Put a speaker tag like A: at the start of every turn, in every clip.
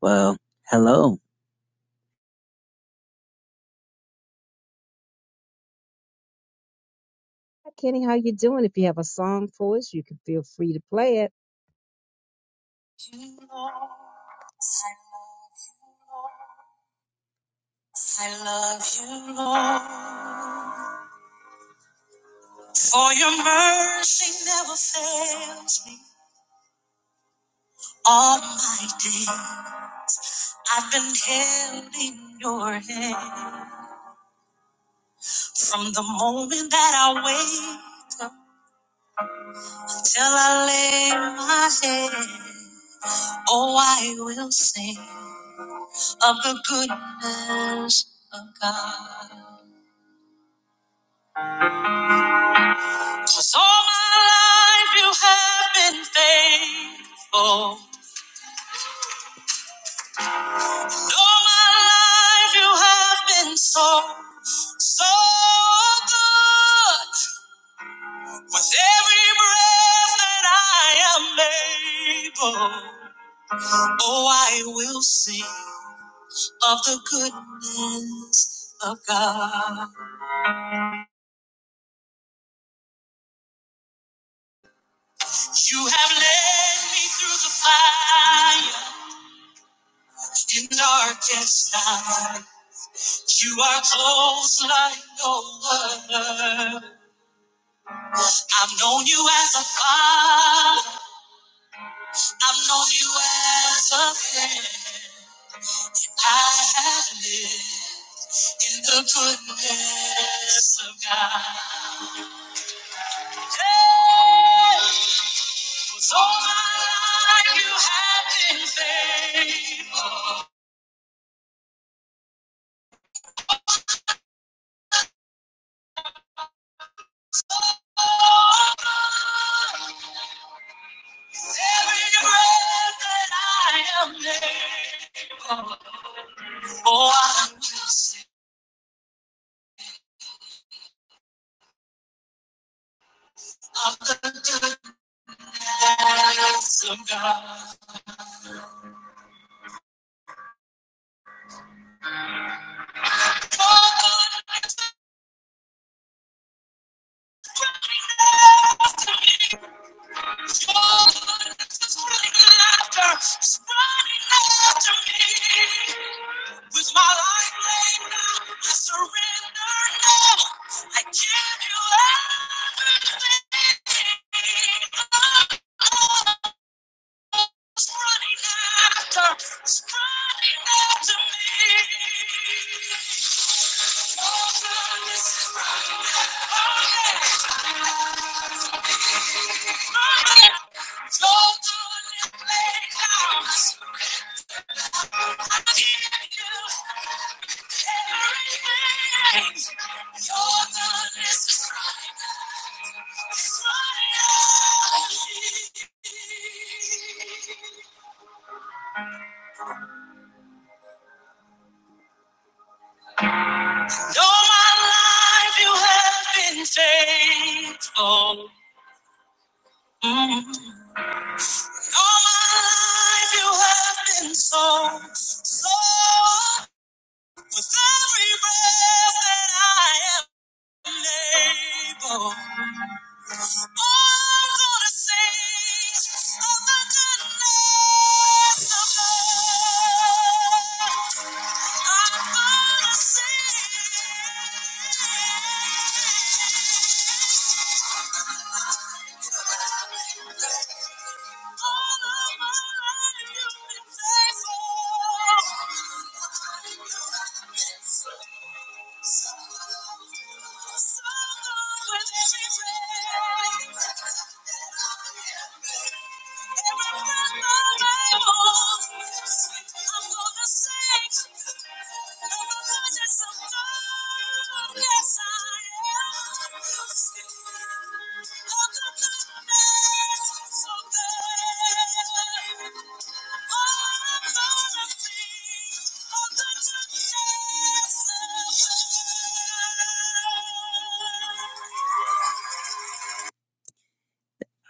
A: Well, hello.
B: Hi, Kenny, how you doing? If you have a song for us, you can feel free to play it.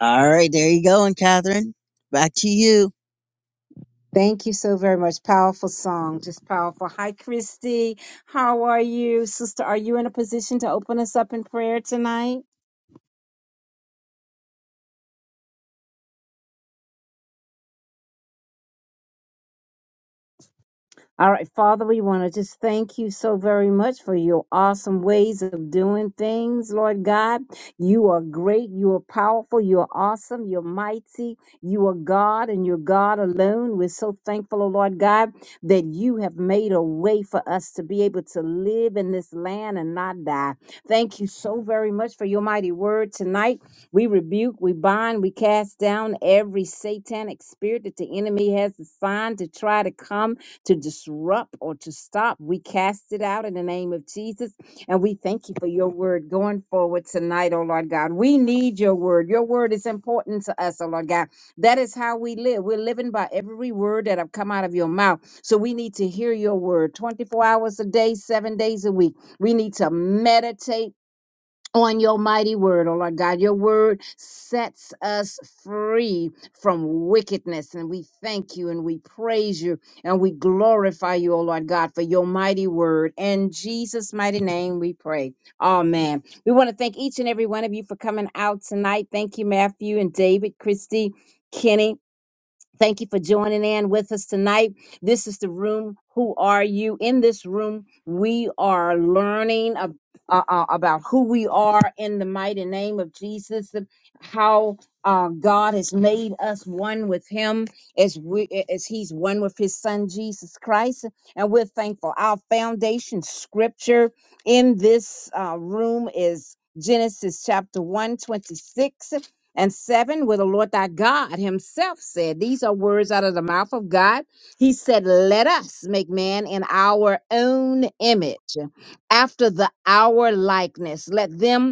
A: All right, there you go, and Catherine. Back to you.
B: Thank you so very much. Powerful song, just powerful. Hi, Christy. How are you, sister? Are you in a position to open us up in prayer tonight? All right, Father, we want to just thank you so very much for your awesome ways of doing things, Lord God. You are great, you are powerful, you are awesome, you're mighty, you are God, and you're God alone. We're so thankful, oh Lord God, that you have made a way for us to be able to live in this land and not die. Thank you so very much for your mighty word tonight. We rebuke, we bind, we cast down every satanic spirit that the enemy has assigned to try to come to disrupt or to stop. We cast it out in the name of Jesus. And we thank you for your word going forward tonight, oh Lord God. We need your word. Your word is important to us, oh Lord God. That is how we live. We're living by every word that have come out of your mouth. So we need to hear your word 24 hours a day, seven days a week. We need to meditate on your mighty word, oh Lord God. Your word sets us free from wickedness. And we thank you and we praise you and we glorify you, oh Lord God, for your mighty word. In Jesus' mighty name we pray. Amen. We want to thank each and every one of you for coming out tonight. Thank you, Matthew and David, Christy, Kenny. Thank you for joining in with us tonight. This is the room. Who are you? In this room, we are learning ab- uh, uh, about who we are in the mighty name of Jesus, and how uh, God has made us one with Him as we as He's one with His Son Jesus Christ, and we're thankful. Our foundation scripture in this uh, room is Genesis chapter one twenty six and 7, where the Lord thy God himself said, These are words out of the mouth of God. He said, Let us make man in our own image, after the our likeness. Let them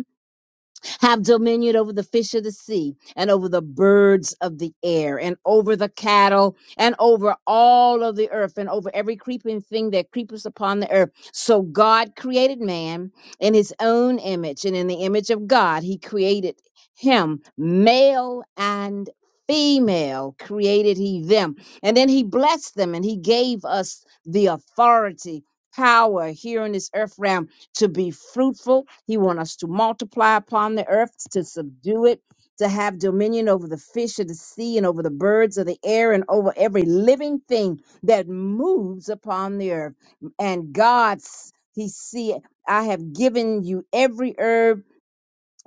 B: have dominion over the fish of the sea and over the birds of the air and over the cattle and over all of the earth and over every creeping thing that creepeth upon the earth. So God created man in his own image and in the image of God, he created him male and female created he them. And then he blessed them and he gave us the authority, power here in this earth realm to be fruitful. He wants us to multiply upon the earth, to subdue it, to have dominion over the fish of the sea and over the birds of the air and over every living thing that moves upon the earth. And God's, He see, I have given you every herb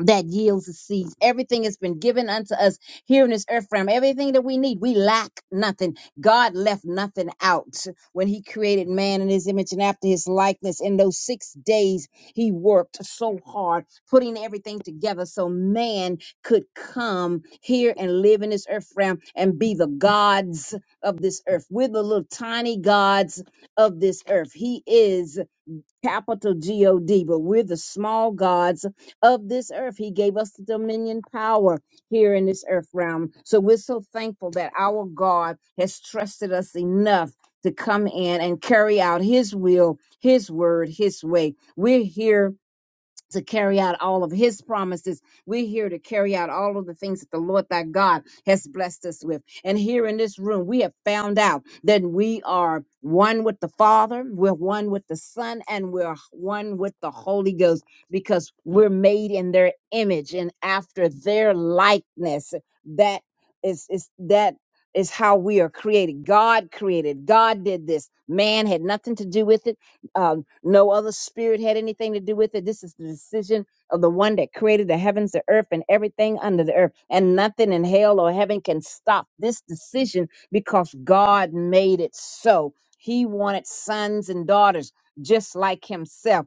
B: that yields the seeds. Everything has been given unto us here in this earth realm. Everything that we need, we lack nothing. God left nothing out when He created man in His image and after His likeness. In those six days, He worked so hard, putting everything together so man could come here and live in this earth realm and be the gods of this earth. We're the little tiny gods of this earth. He is capital G O D, but we're the small gods of this earth. He gave us the dominion power here in this earth realm. So we're so thankful that our God has trusted us enough to come in and carry out his will, his word, his way. We're here to carry out all of his promises. We're here to carry out all of the things that the Lord thy God has blessed us with. And here in this room, we have found out that we are one with the Father, we're one with the Son, and we're one with the Holy Ghost because we're made in their image and after their likeness. That is, is that is how we are created. God created. God did this. Man had nothing to do with it um, no other spirit had anything to do with it. This is the decision of the one that created the heavens, the earth, and everything under the earth. And nothing in hell or heaven can stop this decision because God made it so. He wanted sons and daughters just like himself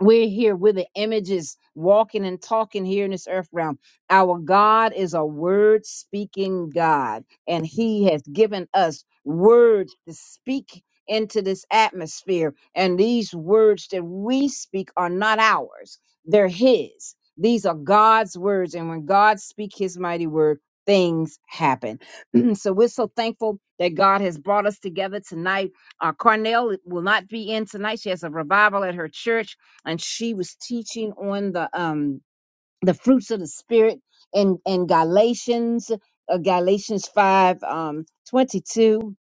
B: we're here we're the images walking and talking here in this earth realm our god is a word speaking god and he has given us words to speak into this atmosphere and these words that we speak are not ours they're his these are god's words and when god speaks his mighty word things happen so we're so thankful that god has brought us together tonight uh, carnell will not be in tonight she has a revival at her church and she was teaching on the um the fruits of the spirit in in Galatians uh, Galatians 5 um 22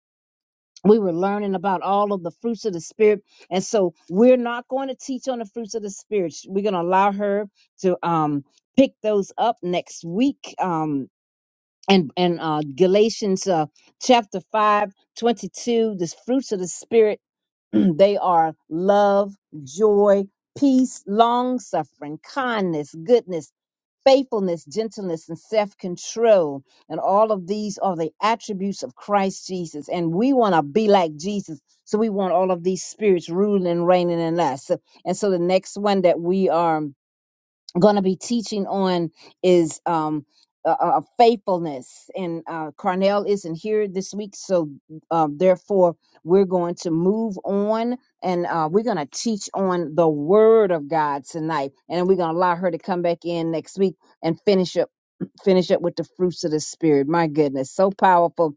B: we were learning about all of the fruits of the spirit and so we're not going to teach on the fruits of the spirit we're going to allow her to um pick those up next week um and and uh Galatians uh chapter 5 22, the fruits of the spirit they are love, joy, peace, long suffering, kindness, goodness, faithfulness, gentleness, and self control. And all of these are the attributes of Christ Jesus. And we want to be like Jesus. So we want all of these spirits ruling and reigning in us. And so the next one that we are going to be teaching on is um uh, uh, faithfulness and uh Carnell isn't here this week so um therefore we're going to move on and uh we're going to teach on the word of God tonight and we're going to allow her to come back in next week and finish up finish up with the fruits of the spirit my goodness so powerful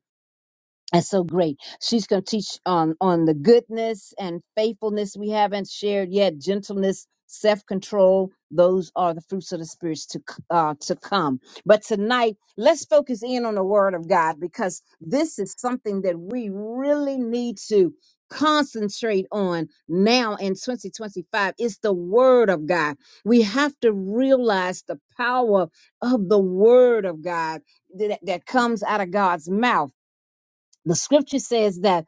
B: and so great. She's going to teach on on the goodness and faithfulness we haven't shared yet, gentleness, self control. Those are the fruits of the spirits to c- uh, to come. But tonight, let's focus in on the Word of God because this is something that we really need to concentrate on now in 2025 it's the word of god we have to realize the power of the word of god that, that comes out of god's mouth the scripture says that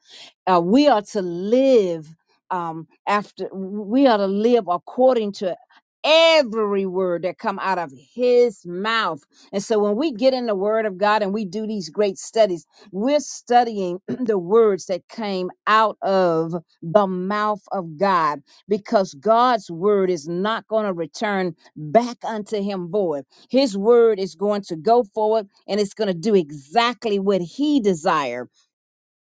B: uh, we are to live um, after we are to live according to every word that come out of his mouth and so when we get in the word of god and we do these great studies we're studying the words that came out of the mouth of god because god's word is not going to return back unto him void his word is going to go forward and it's going to do exactly what he desires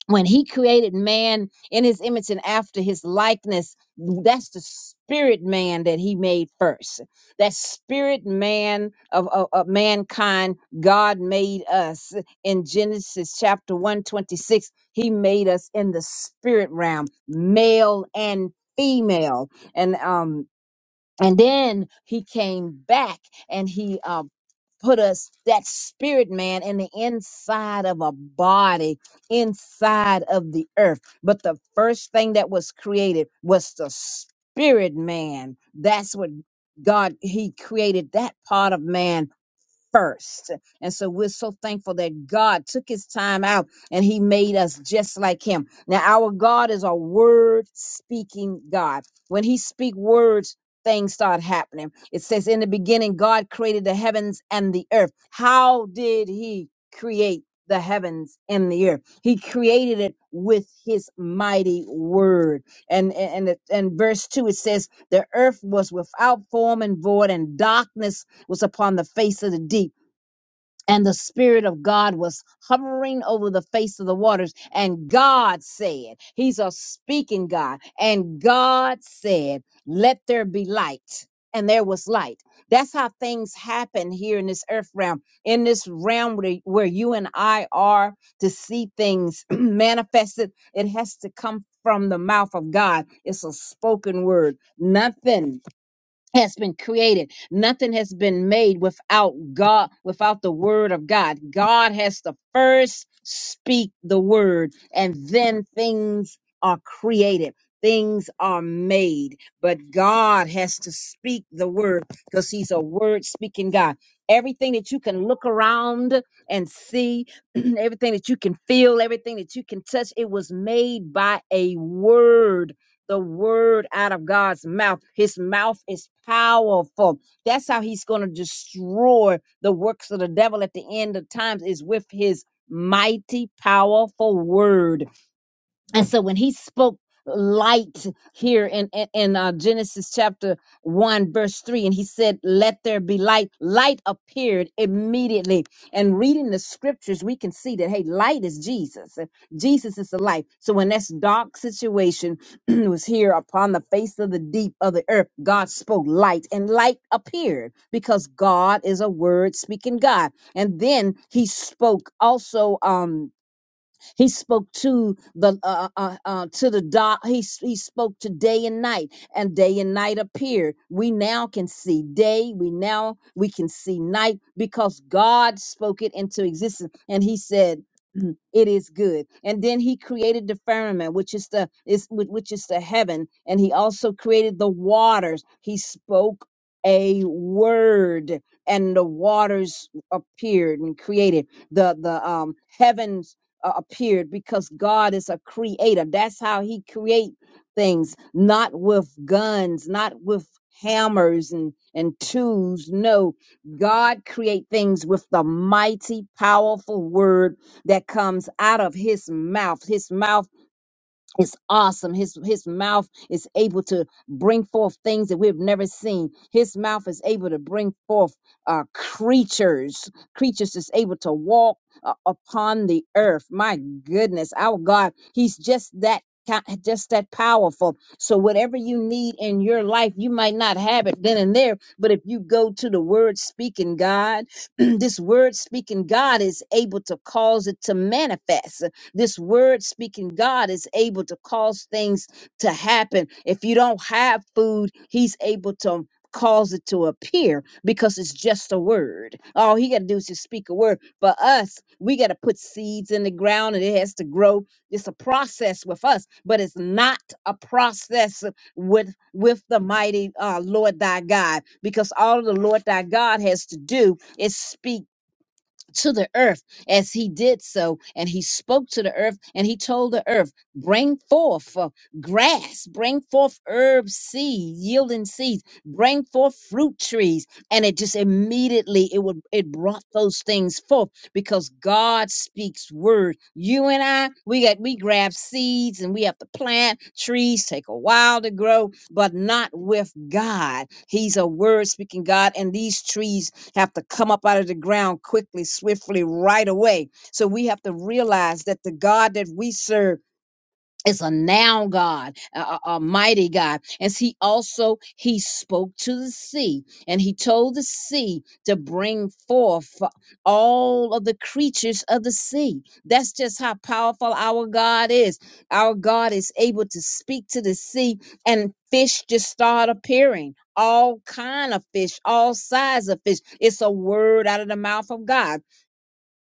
B: when he created man in his image and after his likeness that's the spirit man that he made first that spirit man of, of, of mankind god made us in genesis chapter 126 he made us in the spirit realm male and female and um and then he came back and he uh, put us that spirit man in the inside of a body inside of the earth but the first thing that was created was the spirit man that's what god he created that part of man first. And so we're so thankful that God took his time out and he made us just like him. Now our God is a word speaking God. When he speak words, things start happening. It says in the beginning God created the heavens and the earth. How did he create the heavens and the earth? He created it with his mighty word. And and and, and verse 2 it says the earth was without form and void and darkness was upon the face of the deep. And the Spirit of God was hovering over the face of the waters. And God said, He's a speaking God. And God said, Let there be light. And there was light. That's how things happen here in this earth realm, in this realm where, where you and I are to see things manifested. It has to come from the mouth of God. It's a spoken word. Nothing has been created. Nothing has been made without God, without the word of God. God has to first speak the word and then things are created. Things are made, but God has to speak the word because he's a word speaking God. Everything that you can look around and see, everything that you can feel, everything that you can touch, it was made by a word the word out of God's mouth. His mouth is powerful. That's how he's going to destroy the works of the devil at the end of times is with his mighty powerful word and so when he spoke light here in, in, in uh, Genesis chapter 1, verse 3, and he said, Let there be light, light appeared immediately. And reading the scriptures, we can see that, hey, light is Jesus. and Jesus is the light. So when this dark situation was here upon the face of the deep of the earth, God spoke light, and light appeared because God is a word speaking God. And then he spoke also, um, he spoke to the uh, uh, uh, uh, to the dark. He s- he spoke to day and night, and day and night appeared. We now can see day. We now we can see night because God spoke it into existence, and He said. "Mm, It is good, and then he created the firmament, which is the is whi- which is the heaven, and he also created the waters. He spoke a word, and the waters appeared and created the the um heavens uh, appeared because God is a creator. That's how he create things, not with guns, not with hammers and and tools. No, God create things with the mighty powerful word that comes out of his mouth. His mouth is awesome. His his mouth is able to bring forth things that we've never seen. His mouth is able to bring forth uh, creatures, creatures that's able to walk uh, upon the earth. My goodness, our God, He's just that. ki- Just that powerful. So, whatever you need in your life, you might not have it then and there, but if you go to the word speaking God, this word speaking God is able to cause it to manifest. This word speaking God is able to cause things to happen. If you don't have food, He's able to cause it to appear because it's just a word. All He got to do is just speak a word. For us, we got to put seeds in the ground and it has to grow. It's a process with us, but it's not a process with with the mighty uh, Lord thy God, because all the Lord thy God has to do is speak to the earth as he did so. And he spoke to the earth and he told the earth, Bring forth uh, grass, bring forth herb seed, yielding seeds, bring forth fruit trees. And it just immediately it would it brought those things forth because God speaks word. You and I, we got we grab seeds and we have to plant trees, take a while to grow, but not with God. He's a word speaking God, and these trees have to come up out of the ground quickly, swiftly, right away. So we have to realize that the God that we serve it's a now god a, a mighty god as he also he spoke to the sea and he told the sea to bring forth all of the creatures of the sea that's just how powerful our god is our god is able to speak to the sea and fish just start appearing all kind of fish all size of fish it's a word out of the mouth of god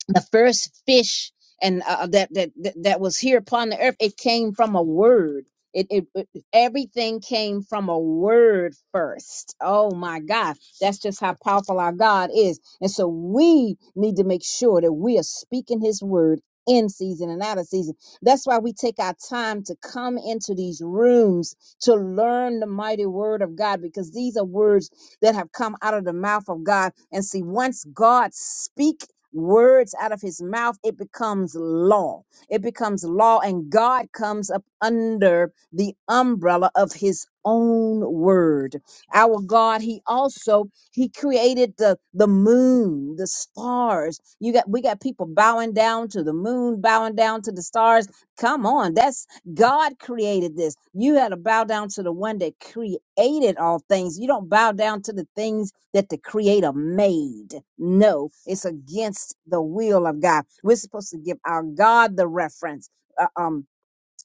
B: the first fish and uh, uh, that, that that that was here upon the earth it came from a word it, it, it everything came from a word first oh my god that's just how powerful our god is and so we need to make sure that we are speaking his word in season and out of season. That's why we take our time to come into these rooms to learn the mighty word of God because these are words that have come out of the mouth of God. And see, once God speaks words out of his mouth, it becomes law. It becomes law, and God comes up under the umbrella of his own word. Our God, He also He created the the moon, the stars. You got we got people bowing down to the moon, bowing down to the stars. Come on, that's God created this. You had to bow down to the one that created all things. You don't bow down to the things that the creator made. No, it's against the will of God. We're supposed to give our God the reference. Uh, um,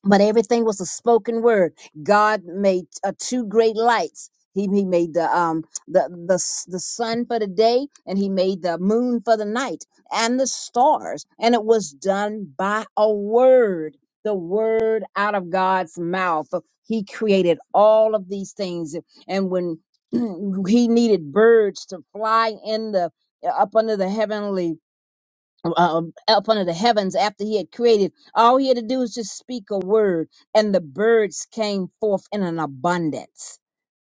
B: but everything was a spoken word. God made uh, two great lights. He, he made the um the, the s- the sun for the day, and he made the moon for the night, and the stars. And it was done by a word, the word out of God's mouth. He created all of these things, and when he needed birds to fly in the up under the heavenly um, up under the heavens after he had created. All he had to do was just speak a word, and the birds came forth in an abundance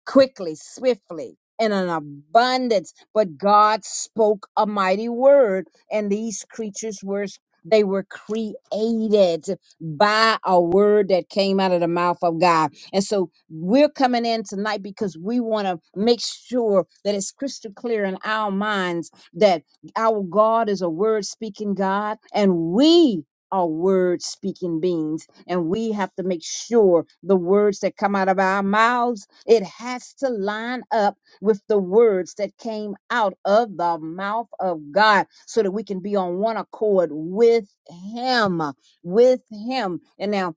B: quickly, swiftly, in an abundance. But God spoke a mighty word, and these creatures were they were created by a word that came out of the mouth of God. And so we're coming in tonight because we want to make sure that it's crystal clear in our minds that our God is a word speaking God and we are word speaking beings and we have to make sure the words that come out of our mouths it has to line up with the words that came out of the mouth of God so that we can be on one accord with him with him. And now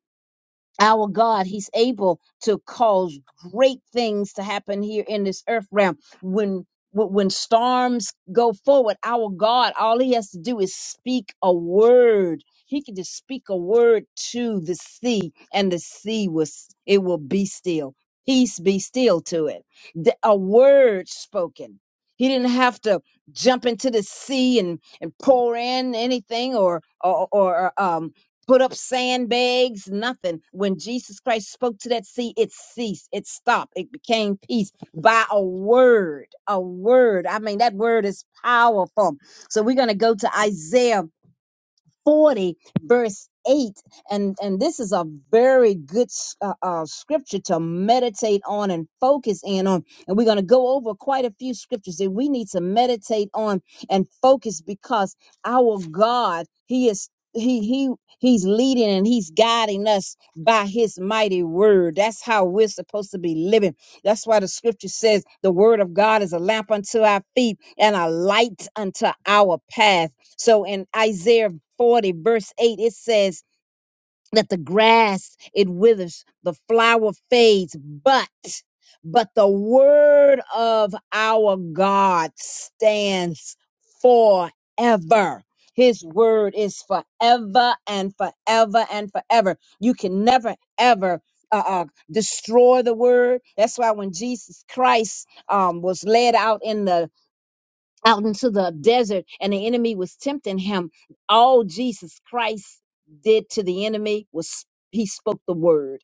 B: our God, He's able to cause great things to happen here in this earth realm. When when when storms go forward, our God, all He has to do is speak a word. He can just speak a word to the sea, and the sea was it will be still. Peace be still to it. The- a word spoken. He didn't have to jump into the sea and, and pour in anything or or, or um put up sandbags, nothing. When Jesus Christ spoke to that sea, it ceased, it stopped, it became peace by a word. A word. I mean, that word is powerful. So we're going to go to Isaiah 40 verse 8 and and this is a very good uh, uh, scripture to meditate on and focus in on and we're going to go over quite a few scriptures that we need to meditate on and focus because our god he is he he he's leading and he's guiding us by his mighty word that's how we're supposed to be living that's why the scripture says the word of god is a lamp unto our feet and a light unto our path so in isaiah 40, verse 8, it says that the grass it withers, the flower fades, but but the word of our God stands forever. His word is forever and forever and forever. You can never ever uh, uh, destroy the word. That's why when Jesus Christ um, was led out in the out into the desert and the enemy was tempting him all jesus christ did to the enemy was he spoke the word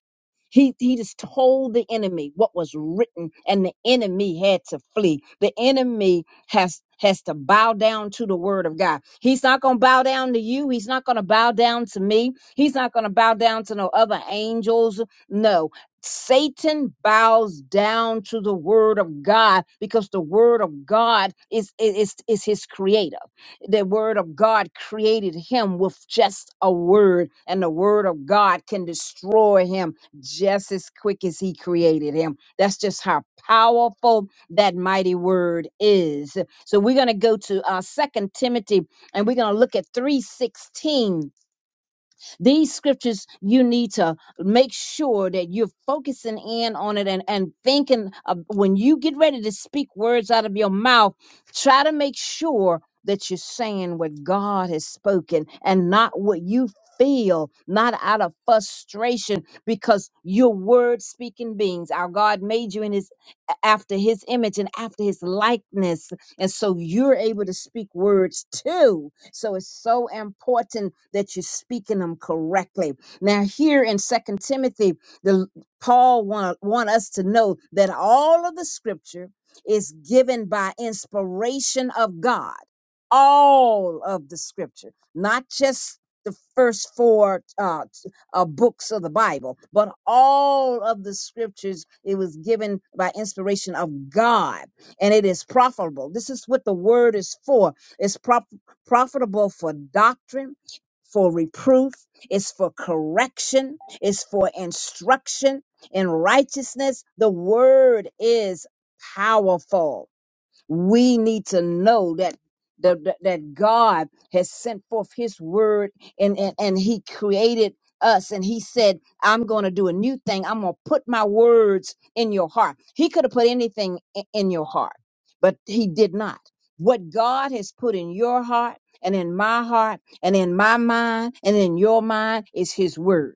B: he, he just told the enemy what was written and the enemy had to flee the enemy has has to bow down to the word of god he's not going to bow down to you he's not going to bow down to me he's not going to bow down to no other angels no Satan bows down to the word of God because the word of God is, is, is his creator. The word of God created him with just a word, and the word of God can destroy him just as quick as he created him. That's just how powerful that mighty word is. So we're going to go to uh, 2 Timothy and we're going to look at 316 these scriptures, you need to make sure that you're focusing in on it and, and thinking of, when you get ready to speak words out of your mouth, try to make sure that you're saying what God has spoken and not what you feel, not out of frustration, because you're word speaking beings. Our God made you in his after his image and after his likeness. And so you're able to speak words too so it's so important that you're speaking them correctly. Now, here in Second Timothy, the Paul want, want us to know that all of the scripture is given by inspiration of God. All of the scripture, not just the first four uh, t- uh, books of the Bible, but all of the scriptures, it was given by inspiration of God and it is profitable. This is what the word is for It's profitable profitable for doctrine, for reproof, it's for correction, it's for instruction in righteousness. The word is powerful we need to know that the, that that God has sent forth his word and, and, and he created us and he said, I'm going to do a new thing. I'm going to put my words in your heart. He could have put anything i- in your heart, but he did not. What God has put in your heart and in my heart and in my mind and in your mind is his word.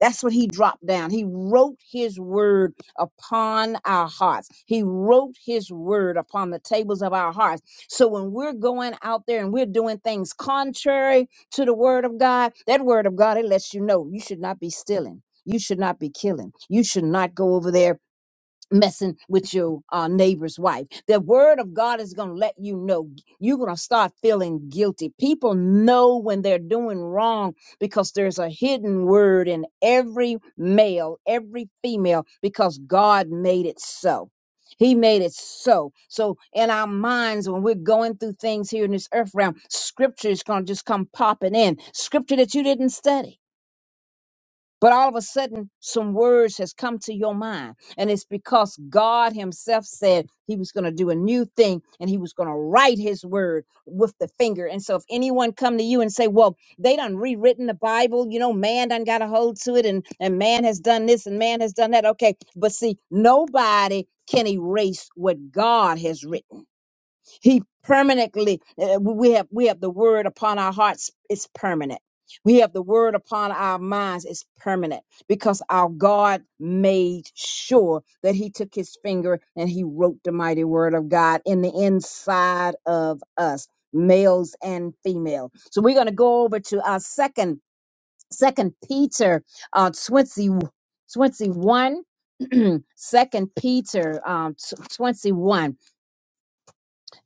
B: That's what he dropped down. He wrote his word upon our hearts. He wrote his word upon the tables of our hearts. So when we're going out there and we're doing things contrary to the word of God, that word of God, it lets you know you should not be stealing. You should not be killing. You should not go over there messing with your uh, neighbor's wife. The word of God is going to let you know. You're going to start feeling guilty. People know when they're doing wrong because there's a hidden word in every male, every female, because God made it so. He made it so. So in our minds, when we're going through things here in this earth realm, scripture is going to just come popping in. Scripture that you didn't study but all of a sudden some words has come to your mind and it's because god himself said he was going to do a new thing and he was going to write his word with the finger and so if anyone come to you and say well they done rewritten the bible you know man done got a hold to it and and man has done this and man has done that okay but see nobody can erase what god has written he permanently uh, we have we have the word upon our hearts it's permanent. We have the word upon our minds it's permanent because our God made sure that he took his finger and he wrote the mighty word of God in the inside of us, males and female. So we're going to go over to our second second Peter uh 20 21 second Peter um 21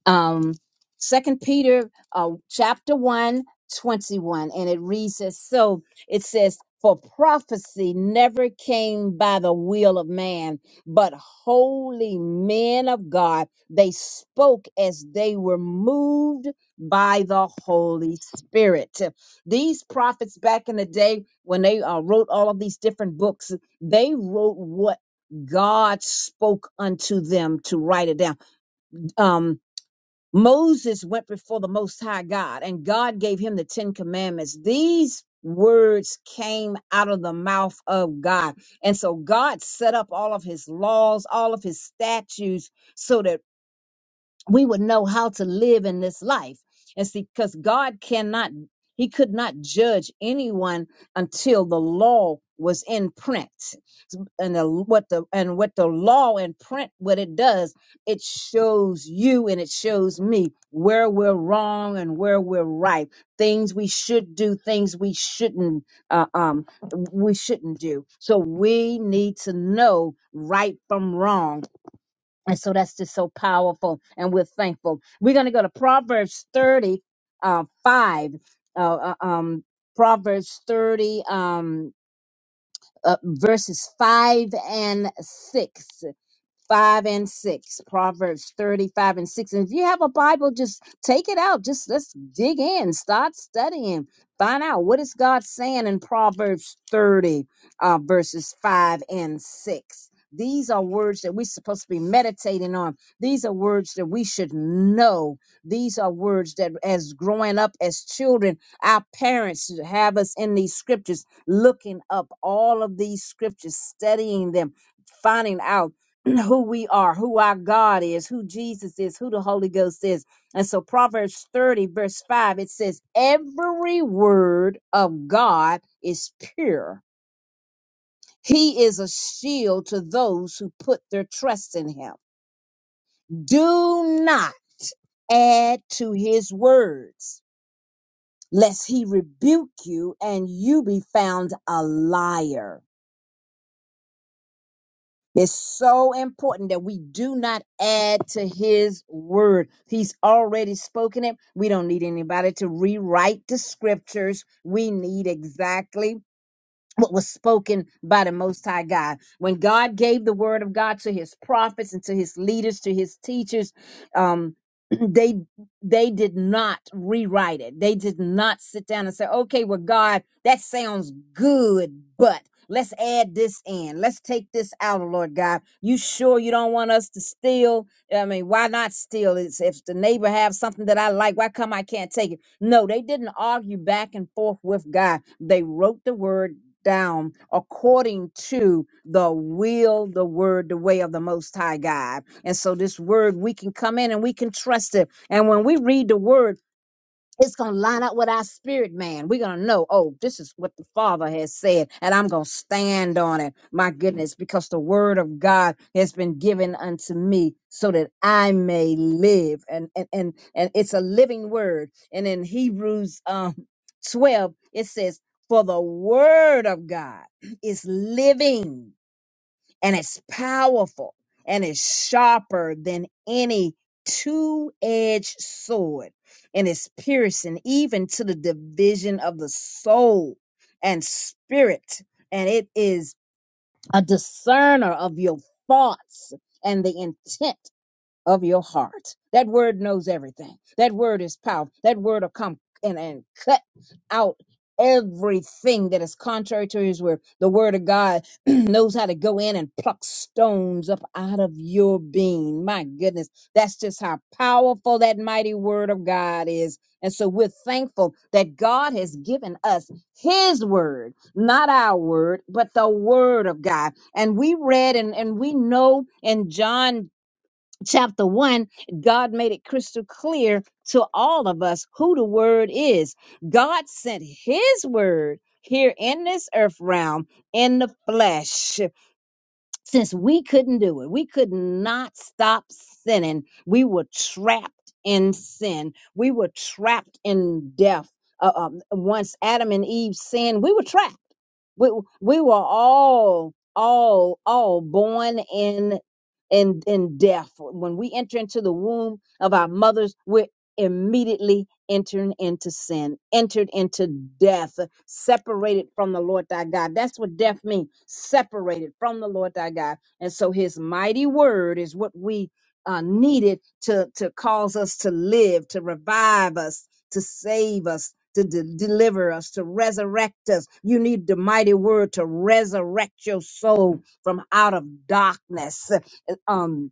B: um second peter uh chapter one, 21, and it reads as so it says for prophecy never came by the will of man but holy men of god they spoke as they were moved by the holy spirit these prophets back in the day when they uh, wrote all of these different books they wrote what god spoke unto them to write it down Um. Moses went before the Most High God, and God gave him the Ten Commandments. These words came out of the mouth of God. And so God set up all of his laws, all of his statutes, so that we would know how to live in this life. And see, because God cannot, He could not judge anyone until the law was in print. And the, what the and what the law in print, what it does, it shows you and it shows me where we're wrong and where we're right. Things we should do, things we shouldn't, uh, um, we shouldn't do. So we need to know right from wrong and so that's just so powerful, and we're thankful. We're going to go to Proverbs 30, uh, 5. Uh, uh, um, Proverbs 30, um, uh, verses 5 and 6. 5 and 6 proverbs 35 and 6 and if you have a bible just take it out just let's dig in start studying find out what is god saying in proverbs 30 uh, verses 5 and 6 these are words that we're supposed to be meditating on these are words that we should know these are words that as growing up as children our parents should have us in these scriptures looking up all of these scriptures studying them finding out who we are, who our God is, who Jesus is, who the Holy Ghost is. And so Proverbs 30, verse 5, it says, Every word of God is pure. He is a shield to those who put their trust in him. Do not add to his words, lest he rebuke you and you be found a liar. It's so important that we do not add to his word. He's already spoken it. We don't need anybody to rewrite the scriptures. We need exactly what was spoken by the Most High God. When God gave the word of God to his prophets and to his leaders, to his teachers, um, they they did not rewrite it. They did not sit down and say, okay, well, God, that sounds good, but let's add this in. Let's take this out, oh Lord God. You sure you don't want us to steal? I mean, why not steal? It's, if the neighbor have something that I like, why come I can't take it? No, they didn't argue back and forth with God. They wrote the word down according to the will, the word, the way of the Most High God. And so, this word, we can come in and we can trust it. And when we read the word, it's going to line up with our spirit, man. We're going to know, oh, this is what the Father has said, and I'm going to stand on it. My goodness, because the word of God has been given unto me so that I may live. And, and, and, and it's a living word. And in Hebrews um, 12, it says, for the word of God is living and it's powerful and it's sharper than any two edged sword and it's piercing even to the division of the soul and spirit. And it is a discerner of your thoughts and the intent of your heart. That word knows everything. That word is powerful. That word will come and, and cut out everything that is contrary to his word. The word of God knows how to go in and pluck stones up out of your being. My goodness, that's just how powerful that mighty word of God is. And so we're thankful that God has given us his word, not our word, but the word of God. And we read and, and we know in John chapter 1, God made it crystal clear to all of us who the word is. God sent his word here in this earth realm in the flesh since we couldn't do it, we could not stop sinning. We were trapped in sin. We were trapped in death. Uh, um, once Adam and Eve sinned, we were trapped. We we were all all all born in in in death. When we enter into the womb of our mothers, we're immediately entered into sin, entered into death, separated from the Lord thy God. That's what death means separated from the Lord thy God. And so his mighty word is what we uh, needed to, to cause us to live, to revive us, to save us. To de- deliver us, to resurrect us. You need the mighty word to resurrect your soul from out of darkness. Uh, Um,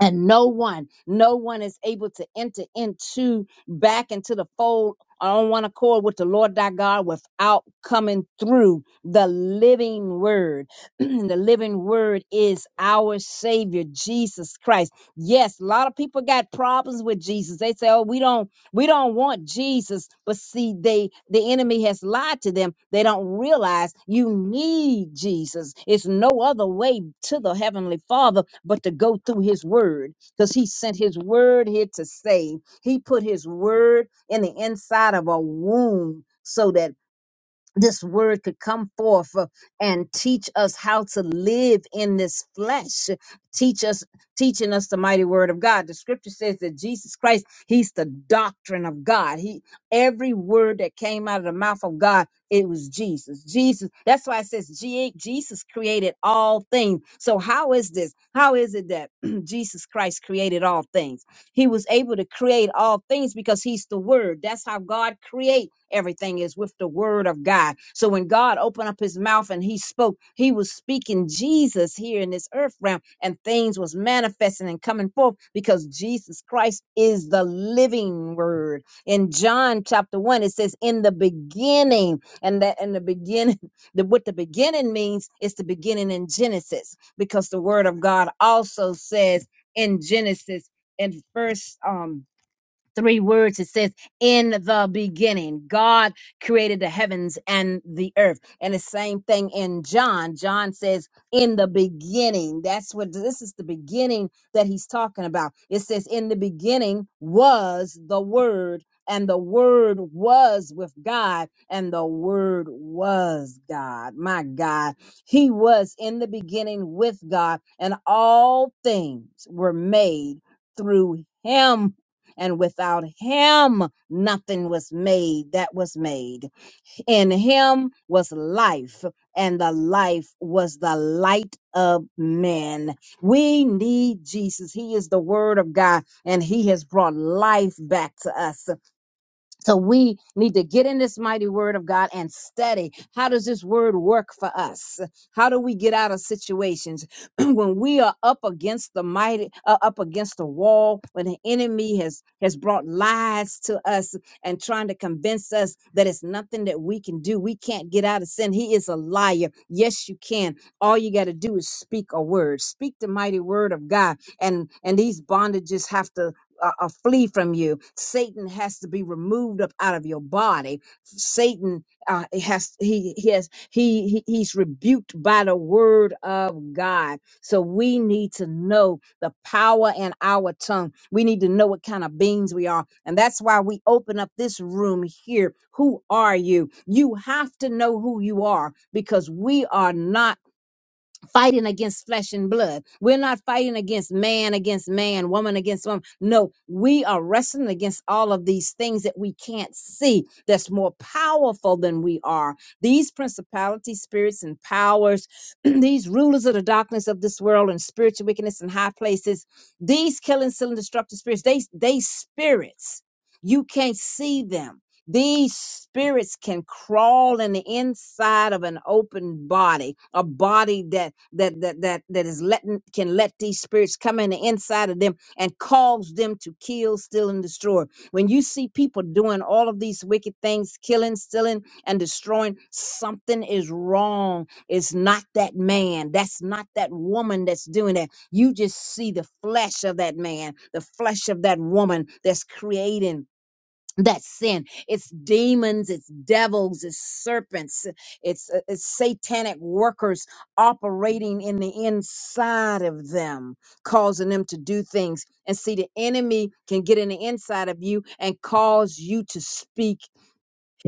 B: and no one no one is able to enter into back into the fold on one accord with the lord thy god without coming through the living word the living word is our savior jesus christ yes a lot of people got problems with jesus they say oh we don't we don't want Jesus, but see, they the enemy has lied to them. They don't realize you need Jesus. It's no other way to the heavenly Father but to go through His Word, because He sent His Word here to save. He put His Word in the inside of a womb so that this word could come forth uh, and teach us how to live in this flesh teach us teaching us the mighty word of god the scripture says that jesus christ he's the doctrine of god he every word that came out of the mouth of god it was jesus jesus that's why it says G- jesus created all things so how is this how is it that jesus christ created all things he was able to create all things because he's the word. That's how God create everything is with the word of God. So when God opened up his mouth and he spoke, he was speaking Jesus here in this earth realm and things was manifesting and coming forth because Jesus Christ is the living word. In John chapter 1 it says in the beginning and that in the beginning the, what the beginning means is the beginning in Genesis because the word of God also says in Genesis in first um three words. It says, in the beginning, God created the heavens and the earth. And the same thing in John. John says, in the beginning. That's what this is the beginning that he's talking about. It says, in the beginning was the word, and the word was with God, and the word was God. My God. He was in the beginning with God, and all things were made through him and without him, nothing was made that was made. In him was life, and the life was the light of men. We need Jesus. He is the word of God, and he has brought life back to us. So we need to get in this mighty word of God and study. How does this word work for us? How do we get out of situations when we are up against the mighty, uh, up against the wall, when the enemy has has brought lies to us and trying to convince us that it's nothing that we can do. We can't get out of sin. He is a liar. Yes, you can. All you got to do is speak a word. Speak the mighty word of God, and and these bondages have to uh, uh, flee from you. Satan has to be removed up out of your body. Satan uh, has he he has he, he he's rebuked by the word of God. So we need to know the power in our tongue. We need to know what kind of beings we are, and that's why we open up this room here. Who are you? You have to know who you are because we are not fighting against flesh and blood. We're not fighting against man against man, woman against woman. No, we are wrestling against all of these things that we can't see that's more powerful than we are. These principalities, spirits, and powers, these rulers of the darkness of this world and spiritual wickedness in high places, these killing, stealing, destructive spirits, they they spirits. You can't see them these spirits can crawl in the inside of an open body, a body that that that that that is letting can let these spirits come in the inside of them and cause them to kill, steal, and destroy. When you see people doing all of these wicked things, killing, stealing, and destroying, something is wrong. It's not that man. That's not that woman that's doing that. You just see the flesh of that man, the flesh of that woman that's creating that's sin it's demons it's devils it's serpents it's, uh, it's satanic workers operating in the inside of them causing them to do things and see the enemy can get in the inside of you and cause you to speak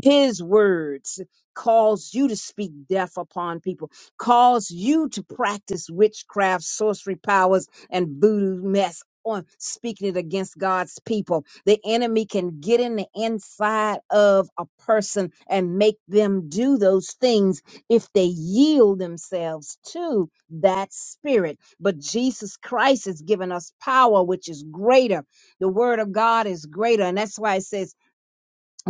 B: his words cause you to speak death upon people, cause you to practice witchcraft, sorcery powers, and voodoo mess on speaking it against God's people. The enemy can get in the inside of a person and make them do those things if they yield themselves to that spirit. But Jesus Christ has given us power, which is greater. The word of God is greater. And that's why it says,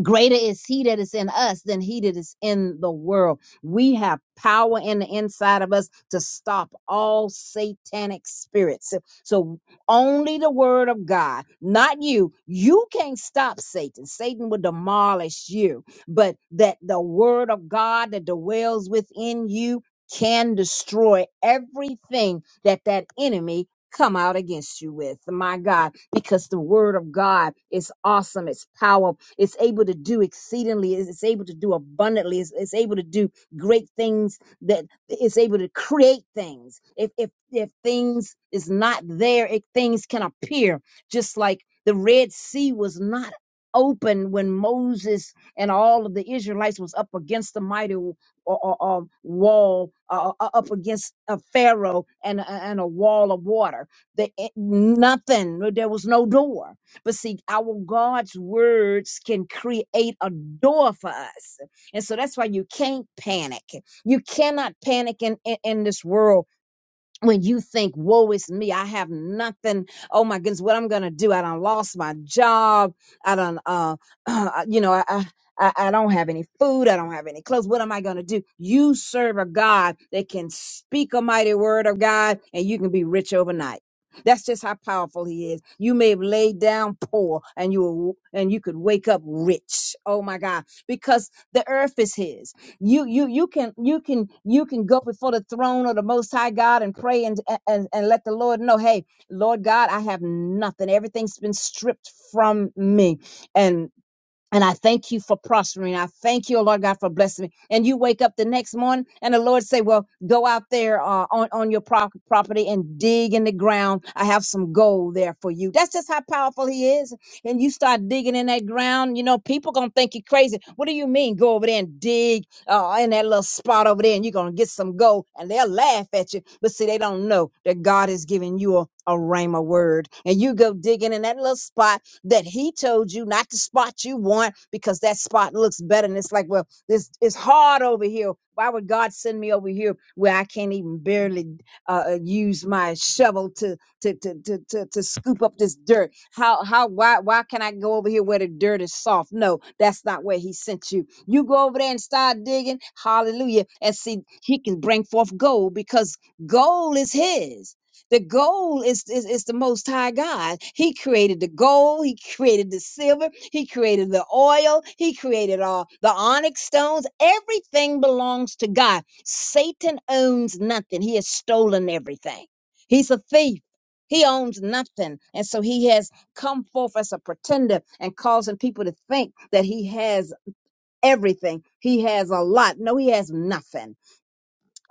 B: greater is he that is in us than he that is in the world. We have power in the inside of us to stop all satanic spirits. So so only the word of God, not you. You can't stop Satan. Satan will demolish you, but that the word of God that dwells within you can destroy everything that that enemy come out against you with, my God, because the word of God is awesome, it's power, it's able to do exceedingly, it's it's able to do abundantly, it's, it's able to do great things that it's able to create things. If if if things is not there, if things can appear, just like the Red Sea was not open when Moses and all of the Israelites was up against the mighty or, or, or wall uh, uh, uh, up against a pharaoh and, and a wall of water. The, it, nothing. no, There was no door. But see, our God's words can create a door for us. And so that's why you can't panic. You cannot panic in, in, in this world when you think, woe is me, I have nothing. Oh my goodness, what I'm gonna do? I done lost my job. I done, uh, you know, I, I, I I don't have any food. I don't have any clothes. What am I gonna do? You serve a God that can speak a mighty word of God, and you can be rich overnight. That's just how powerful He is. You may have laid down poor, and you will, and you could wake up rich. Oh my God, because the earth is His. You you you can you can you can go before the throne of the most high God and pray and and, and let the Lord know, hey, Lord God, I have nothing. Everything's been stripped from me. and. And I thank you for prospering. I thank you, oh Lord God, for blessing me. And you wake up the next morning and the Lord say, well, go out there uh, on, on your pro- property and dig in the ground. I have some gold there for you. That's just how powerful he is. And you start digging in that ground, you know, people going to think you crazy. What do you mean? Go over there and dig uh, in that little spot over there and you're going to get some gold and they'll laugh at you. But see, they don't know that God is giving you a, a rhema word and you go digging in that little spot that he told you not the spot you want because that spot looks better. And it's like, well, this it's hard over here. Why would God send me over here where I can't even barely uh, uh, use my shovel to to, to to to to scoop up this dirt? How how why why can I go over here where the dirt is soft? No, that's not where He sent you. You go over there and start digging. Hallelujah! And see, He can bring forth gold because gold is His. The gold is, is, is the most high God. He created the gold, he created the silver, he created the oil, he created all the onyx stones. Everything belongs to God. Satan owns nothing. He has stolen everything. He's a thief. He owns nothing. And so he has come forth as a pretender and causing people to think that he has everything. He has a lot. No, he has nothing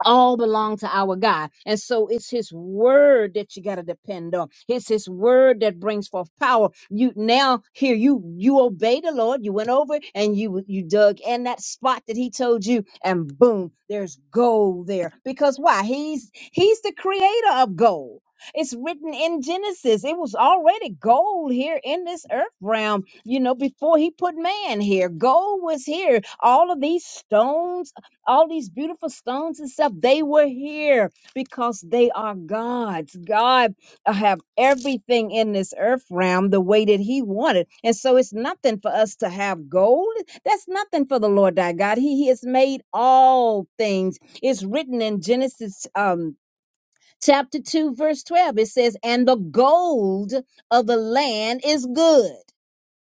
B: all belong to our God. And so it's his word that you got to depend on. It's his word that brings forth power. You now here you you obey the Lord. You went over and you you dug in that spot that he told you and boom, there's gold there. Because why? He's he's the creator of gold. It's written in Genesis. It was already gold here in this earth realm, you know, before he put man here. Gold was here. All of these stones all these beautiful stones and stuff, they were here because they are God's. God uh, have everything in this earth realm the way that He wanted. And so it's nothing for us to have gold. That's nothing for the Lord thy God. He, he has made all things. It's written in Genesis um chapter 2, verse 12. It says, And the gold of the land is good.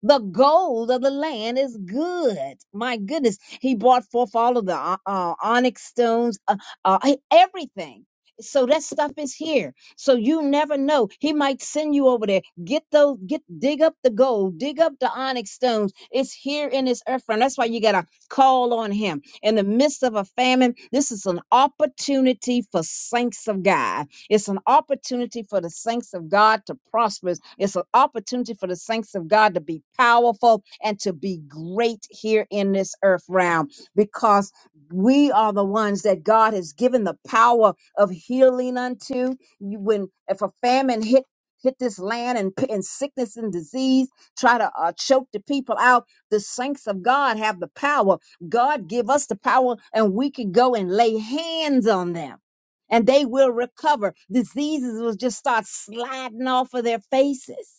B: The gold of the land is good. My goodness. He brought forth all of the uh, uh, onyx stones, uh, uh, e- everything. So that stuff is here. So you never know. He might send you over there. Get those, get, dig up the gold, dig up the onyx stones. It's here in this earth realm. That's why you got to call on him. In the midst of a famine, this is an opportunity for saints of God. It's an opportunity for the saints of God to prosper. It's an opportunity for the saints of God to be powerful and to be great here in this earth realm because we are the ones that God has given the power of healing unto. You- When if a famine hit hit this land and, p- and sickness and disease try to uh, choke the people out, the saints of God have the power. God give us the power, and we can go and lay hands on them and they will recover. Diseases will just start sliding off of their faces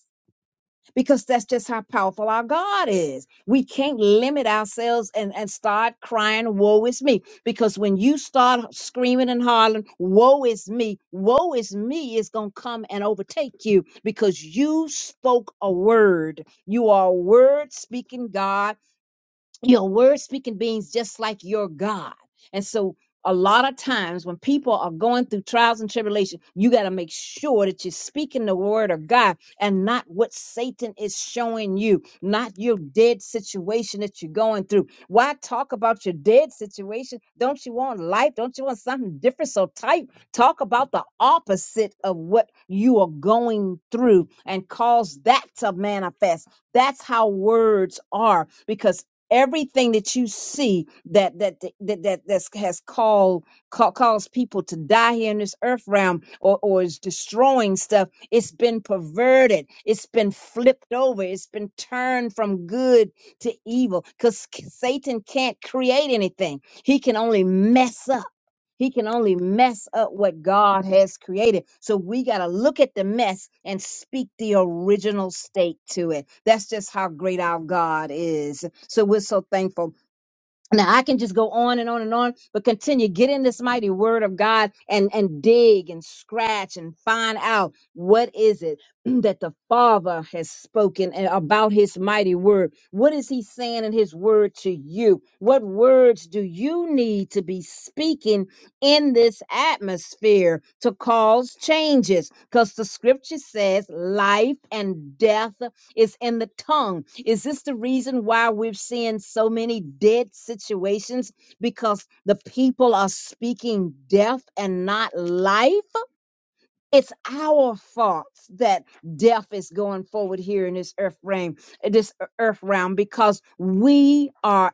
B: because that's just how powerful our God is. We can't limit ourselves and, and start crying, woe is me. Because when you start screaming and hollering, woe is me, woe is me is going to come and overtake you because you spoke a word. You are a word speaking God you know, word speaking beings just like your God. And so a lot of times when people are going through trials and tribulation, you got to make sure that you're speaking the word of God and not what Satan is showing you, not your dead situation that you're going through. Why talk about your dead situation? Don't you want life? Don't you want something different? So type, talk about the opposite of what you are going through and cause that to manifest. That's how words are because everything that you see that that that that that's, has called ca- caused people to die here in this earth realm or or is destroying stuff it's been perverted it's been flipped over it's been turned from good to evil cuz satan can't create anything he can only mess up he can only mess up what God has created. So we got to look at the mess and speak the original state to it. That's just how great our God is. So we're so thankful. Now I can just go on and on and on, but continue. Get in this mighty word of God and, and dig and scratch and find out what is it that the Father has spoken and about his mighty word. What is he saying in his word to you? What words do you need to be speaking in this atmosphere to cause changes? Because the scripture says life and death it's in the tongue. Is this the reason why we're seeing so many dead situations? Because the people are speaking death and not life? It's our faults that death is going forward here in this earth realm, this e, earth realm, because we are,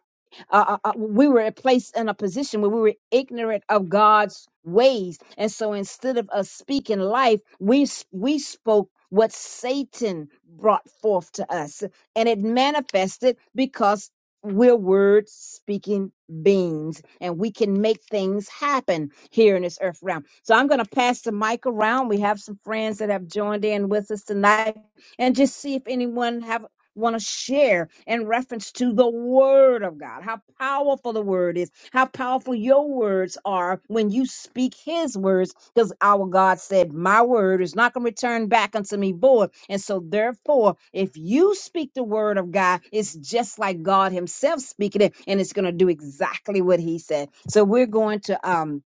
B: uh, uh, uh, we were placed in a position where we were ignorant of God's ways, and so instead of us speaking life, we s- we spoke what Satan brought forth to us, and it manifested because we're word speaking beings and we can make things happen here in this earth realm. So I'm going to pass the mic around. We have some friends that have joined in with us tonight and just see if anyone have want to share in reference to the word of God. How powerful the word is. How powerful your words are when you speak his words because our God said, My word is not going to return back unto me void. And so, therefore, if you speak the word of God, it's just like God Himself speaking it, and it's going to do exactly what He said. So, we're going to um,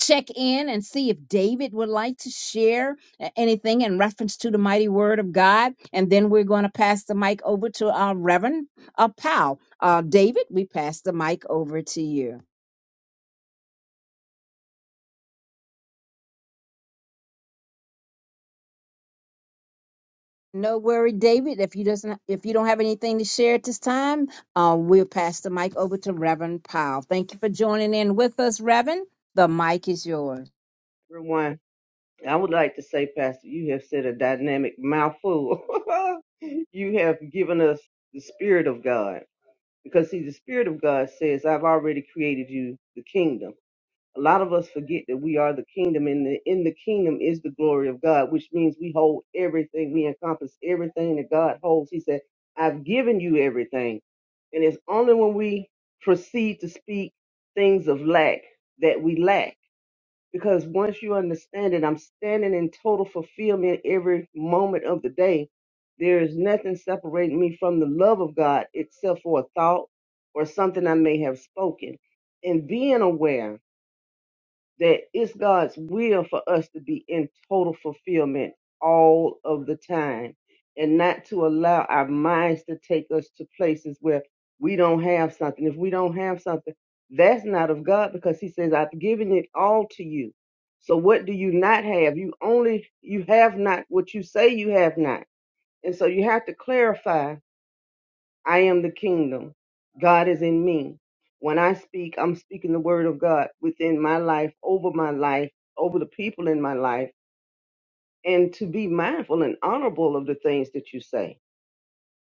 B: check in and see if David would like to share a- anything in reference to the mighty word of God. And then we're going to pass the mic over to our Reverend uh, Powell. Uh, David, we pass the mic over to you. No worry, David. If you doesn't, if you don't have anything to share at this time, uh, we'll pass the mic over to Reverend Powell. Thank you for joining in with us, Reverend. The mic is yours.
C: Rewind. I would like to say, Pastor, you have said a dynamic mouthful. you have given us the Spirit of God. Because, see, the Spirit of God says, I've already created you the kingdom. A lot of us forget that we are the kingdom, and the, in the kingdom is the glory of God, which means we hold everything, we encompass everything that God holds. He said, I've given you everything. And it's only when we proceed to speak things of lack that we lack. Because once you understand it, I'm standing in total fulfillment every moment of the day. There is nothing separating me from the love of God except for a thought or something I may have spoken. And being aware that it's God's will for us to be in total fulfillment all of the time and not to allow our minds to take us to places where we don't have something. If we don't have something, that's not of God because he says, I've given it all to you. So what do you not have? You only, you have not what you say you have not. And so you have to clarify I am the kingdom. God is in me. When I speak, I'm speaking the word of God within my life, over my life, over the people in my life, and to be mindful and honorable of the things that you say.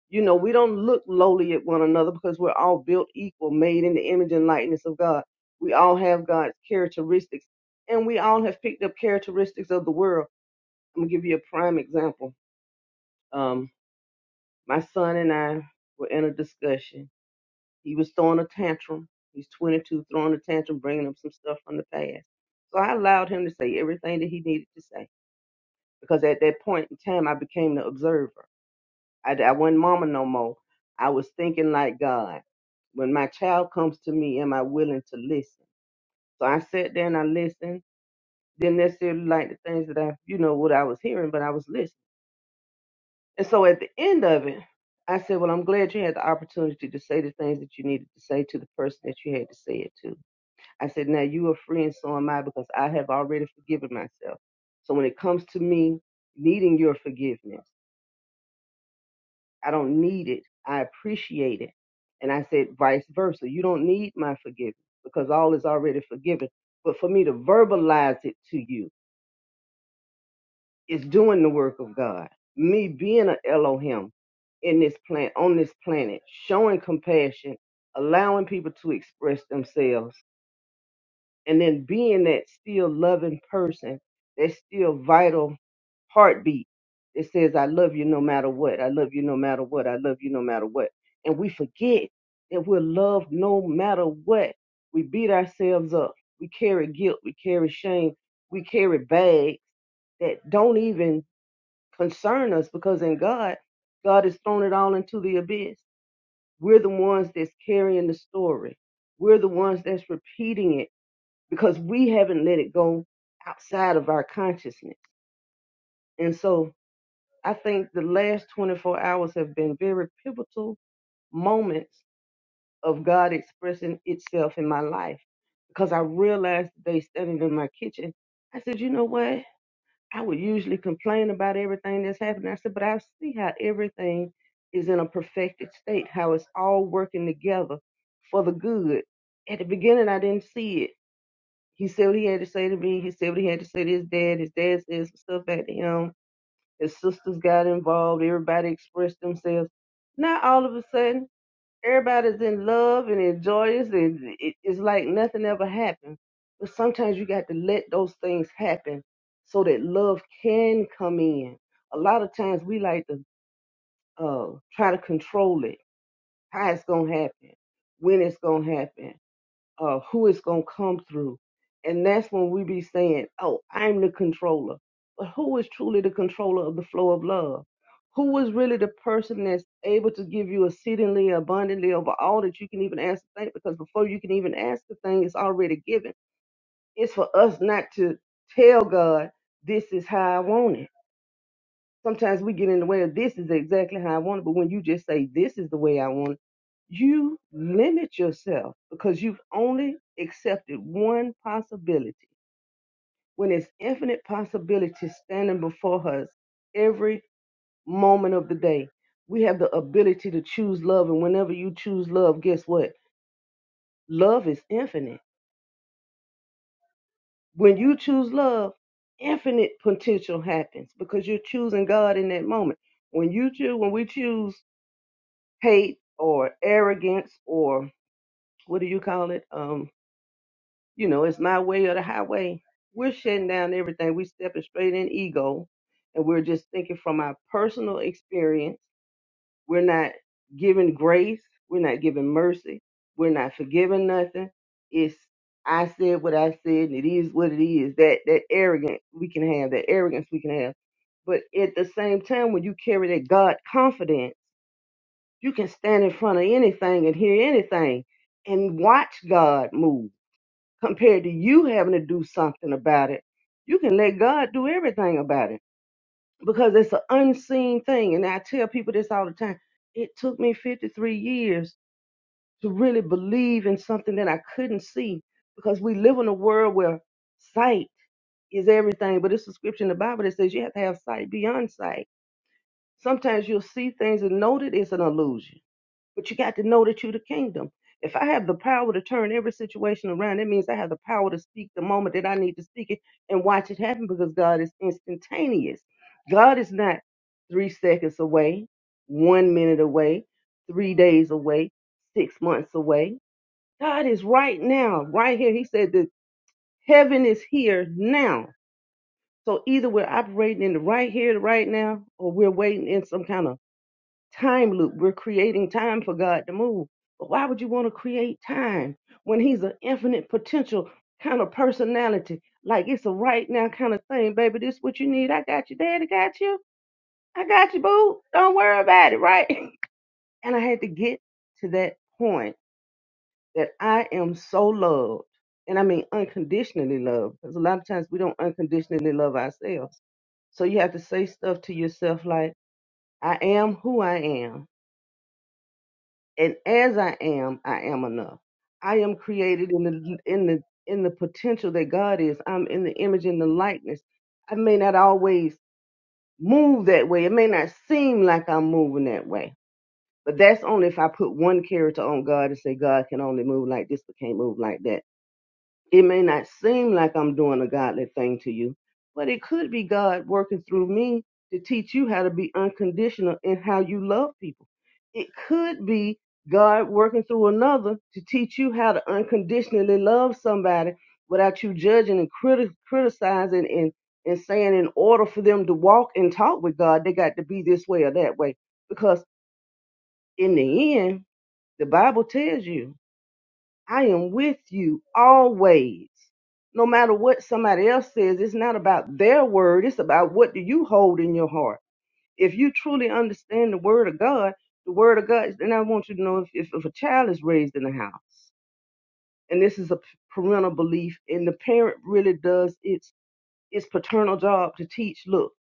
C: You know, we don't look lowly at one another because we're all built equal, made in the image and likeness of God. We all have God's characteristics, and we all have picked up characteristics of the world. I'm gonna give you a prime example. Um, my son and I were in a discussion, He was throwing a tantrum. He's 22, throwing a tantrum, bringing up some stuff from the past. So I allowed him to say everything that he needed to say because at that point in time, I became the observer. I, I wasn't mama no more. I was thinking like God. When my child comes to me, am I willing to listen? So I sat there and I listened. Didn't necessarily like the things that I, you know, what I was hearing, but I was listening. And so at the end of it, I said, Well, I'm glad you had the opportunity to say the things that you needed to say to the person that you had to say it to. I said, now you are free and so am I because I have already forgiven myself. So when it comes to me needing your forgiveness, I don't need it. I appreciate it. And I said, vice versa. You don't need my forgiveness because all is already forgiven. But for me to verbalize it to you is doing the work of God. Me being an Elohim in this planet, on this planet, showing compassion, allowing people to express themselves and then being that still loving person, that still vital heartbeat that says, I love you no matter what, I love you no matter what, I love you no matter what. And we forget that we're loved no matter what. We beat ourselves up. We carry guilt. We carry shame. We carry bags that don't even concern us because in God, God has thrown it all into the abyss. We're the ones that's carrying the story. We're the ones that's repeating it because we haven't let it go outside of our consciousness. And so I think the last 24 hours have been very pivotal moments of God expressing itself in my life because I realized today standing in my kitchen, I said, you know what? I would usually complain about everything that's happening. I said, but I see how everything is in a perfected state, how it's all working together for the good. At the beginning, I didn't see it He said what he had to say to me. He said what he had to say to his dad. His dad said some stuff back to him. His sisters got involved. Everybody expressed themselves. Now all of a sudden, everybody's in love and enjoys, and it- it's like nothing ever happened. But sometimes you got to let those things happen so that love can come in. A lot of times we like to uh, try to control it, how it's gonna happen, when it's gonna happen uh, who it's going to come through. And that's when we be saying, oh, I'm the controller. But who is truly the controller of the flow of love? Who is really the person that's able to give you exceedingly abundantly over all that you can even ask to think? Because before you can even ask the thing, it's already given. It's for us not to tell God, this is how I want it Sometimes we get in the way of this is exactly how I want it, but when you just say this is the way I want it, you limit yourself because you've only accepted one possibility. When it's infinite possibilities standing before us every moment of the day, we have the ability to choose love. And whenever you choose love, guess what? Love is infinite. When you choose love, infinite potential happens because you're choosing God in that moment. When you choose, when we choose hate or arrogance or what do you call it? Um, you know, it's my way or the highway. We're shutting down everything. We're stepping straight in ego and we're just thinking from our personal experience. We're not giving grace. We're not giving mercy. We're not forgiving nothing. It's I said what I said and it is what it is. That that arrogance we can have, that arrogance we can have. But at the same time, when you carry that God confidence you can stand in front of anything and hear anything and watch God move compared to you having to do something about it. You can let God do everything about it because it's an unseen thing. And I tell people this all the time. It took me 53 years to really believe in something that I couldn't see because we live in a world where sight is everything. But it's a scripture in the Bible that says you have to have sight beyond sight. Sometimes you'll see things and know that it's an illusion but you got to know that you're the kingdom. If I have the power to turn every situation around, that means I have the power to speak the moment that I need to speak it and watch it happen because God is instantaneous. God is not three seconds away, one minute away, three days away, six months away. God is right now, right here. He said that heaven is here now. So either we're operating in the right here, the right now, or we're waiting in some kind of time loop. We're creating time for God to move. But why would you want to create time when He's an infinite potential kind of personality? Like it's a right now kind of thing, baby. This what you need. I got you. Daddy got you. I got you, boo. Don't worry about it, right? And I had to get to that point that I am so loved. And I mean unconditionally loved. Because a lot of times we don't unconditionally love ourselves. So you have to say stuff to yourself like, I am who I am. and as I am, I am enough. I am created in the in the in the potential that God is. I'm in the image and the likeness. I may not always move that way. It may not seem like I'm moving that way. But that's only if I put one character on God and say God can only move like this but can't move like that it may not seem like I'm doing a godly thing to you, but it could be God working through me to teach you how to be unconditional in how you love people. It could be God working through another to teach you how to unconditionally love somebody without you judging and criti- criticizing and, and saying in order for them to walk and talk with God, they got to be this way or that way. Because in the end, the Bible tells you I am with you always. No matter what somebody else says, it's not about their word, it's about what do you hold in your heart. If you truly understand the word of God, the word of God, then I want you to know if, if, if a child is raised in the house, and this is a parental belief, and the parent really does its its paternal job to teach, look,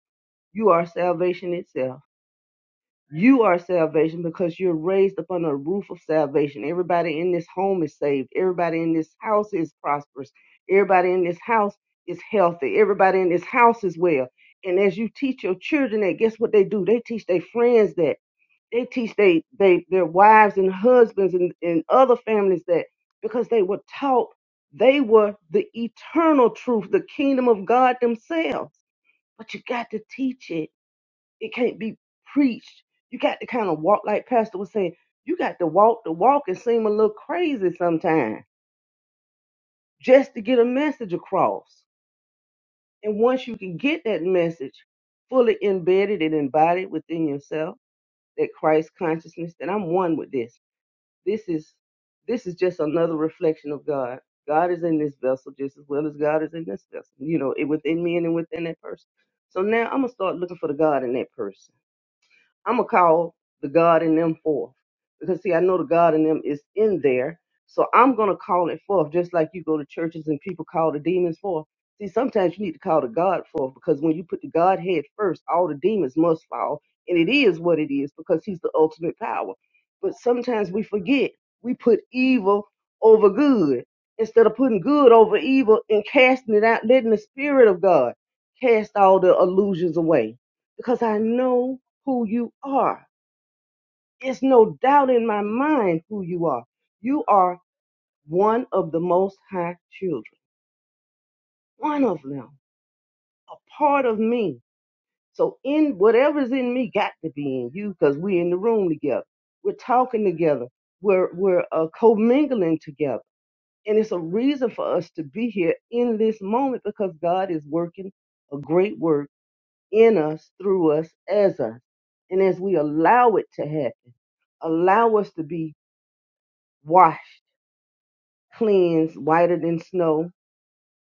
C: you are salvation itself you are salvation because you're raised upon a roof of salvation. Everybody in this home is saved. Everybody in this house is prosperous. Everybody in this house is healthy. Everybody in this house is well. And as you teach your children that, guess what they do? They teach their friends that. They teach they, they their wives and husbands and, and other families that because they were taught they were the eternal truth, the kingdom of God themselves. But you got to teach it. It can't be preached. You got to kind of walk, like Pastor was saying, you got to walk the walk and seem a little crazy sometimes just to get a message across. And once you can get that message fully embedded and embodied within yourself, that Christ consciousness, that I'm one with this. This is this is just another reflection of God. God is in this vessel just as well as God is in this vessel. You know, it within me and then within that person. So now I'm gonna start looking for the God in that person I'm gonna call the God in them forth because see, I know the God in them is in there, so I'm gonna call it forth just like you go to churches and people call the demons forth. See, sometimes you need to call the God forth because when you put the Godhead first, all the demons must fall, and it is what it is because He's the ultimate power. But sometimes we forget we put evil over good instead of putting good over evil and casting it out, letting the Spirit of God cast all the illusions away because I know who you are. It's no doubt in my mind who you are. You are one of the most high children, one of them, a part of me. So in whatever's in me got to be in you because we're in the room together. We're talking together. We're we're uh, commingling together. And it's a reason for us to be here in this moment because God is working a great work in us, through us, as us. And as we allow it to happen, allow us to be washed, cleansed, whiter than snow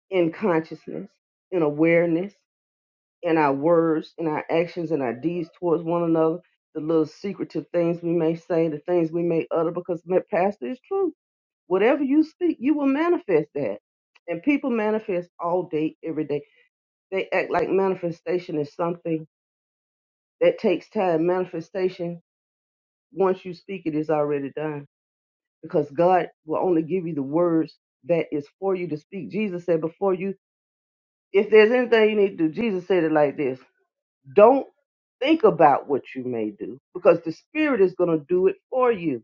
C: in consciousness, in awareness, in our words, in our actions, in our deeds towards one another, the little secretive things we may say, the things we may utter, because my pastor is true. Whatever you speak, you will manifest that. And people manifest all day, every day. They act like manifestation is something that takes time. Manifestation, once you speak it, is already done because God will only give you the words that is for you to speak. Jesus said before you, if there's anything you need to do, Jesus said it like this don't think about what you may do because the Spirit is going to do it for you.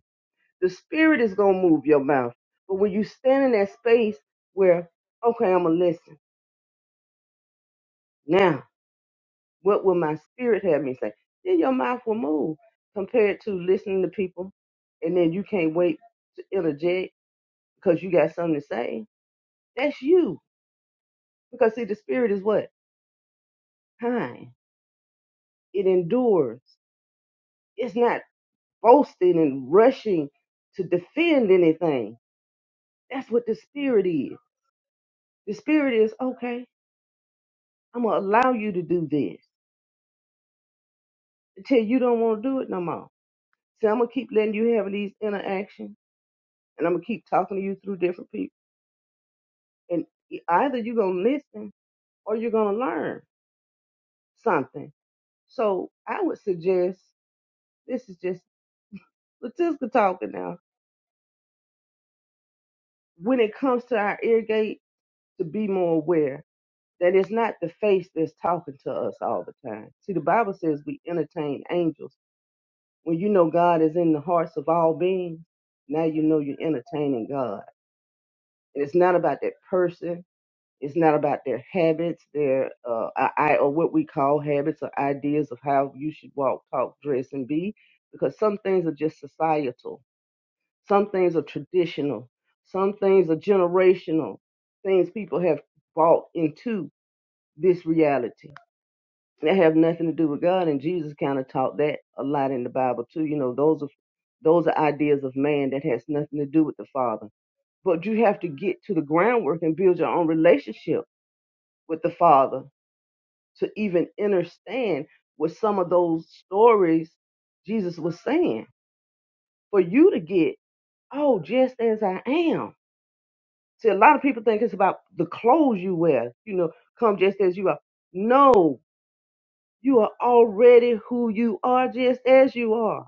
C: The Spirit is going to move your mouth. But when you stand in that space where, okay, I'm going to listen. Now, what will my spirit have me say? Then your mouth will move compared to listening to people and then you can't wait to interject because you got something to say. That's you Because see, the spirit is what? Kind. It endures. It's not boasting and rushing to defend anything. That's what the spirit is. The spirit is, okay, I'm gonna allow you to do this until you don't want to do it no more. See, I'm gonna keep letting you have these interactions and I'm gonna keep talking to you through different people. And e- either you're gonna listen or you're gonna learn something. So I would suggest this is just Latiska talking now. When it comes to our ear gate to be more aware that it's not the face that's talking to us all the time. See, the Bible says we entertain angels. When you know God is in the hearts of all beings, now you know you're entertaining God. And it's not about that person. It's not about their habits, their uh, I, I- or what we call habits or ideas of how you should walk, talk, dress, and be. Because some things are just societal. Some things are traditional. Some things are generational. Things people have bought into this reality. That have nothing to do with God, and Jesus kind of taught that a lot in the Bible too. You know, those are those are ideas of man that has nothing to do with the Father. But you have to get to the groundwork and build your own relationship with the Father to even understand what some of those stories Jesus was saying for you to get, oh, just as I am. See, a lot of people think it's about the clothes you wear, you know, come just as you are. No, You are already who you are, just as you are.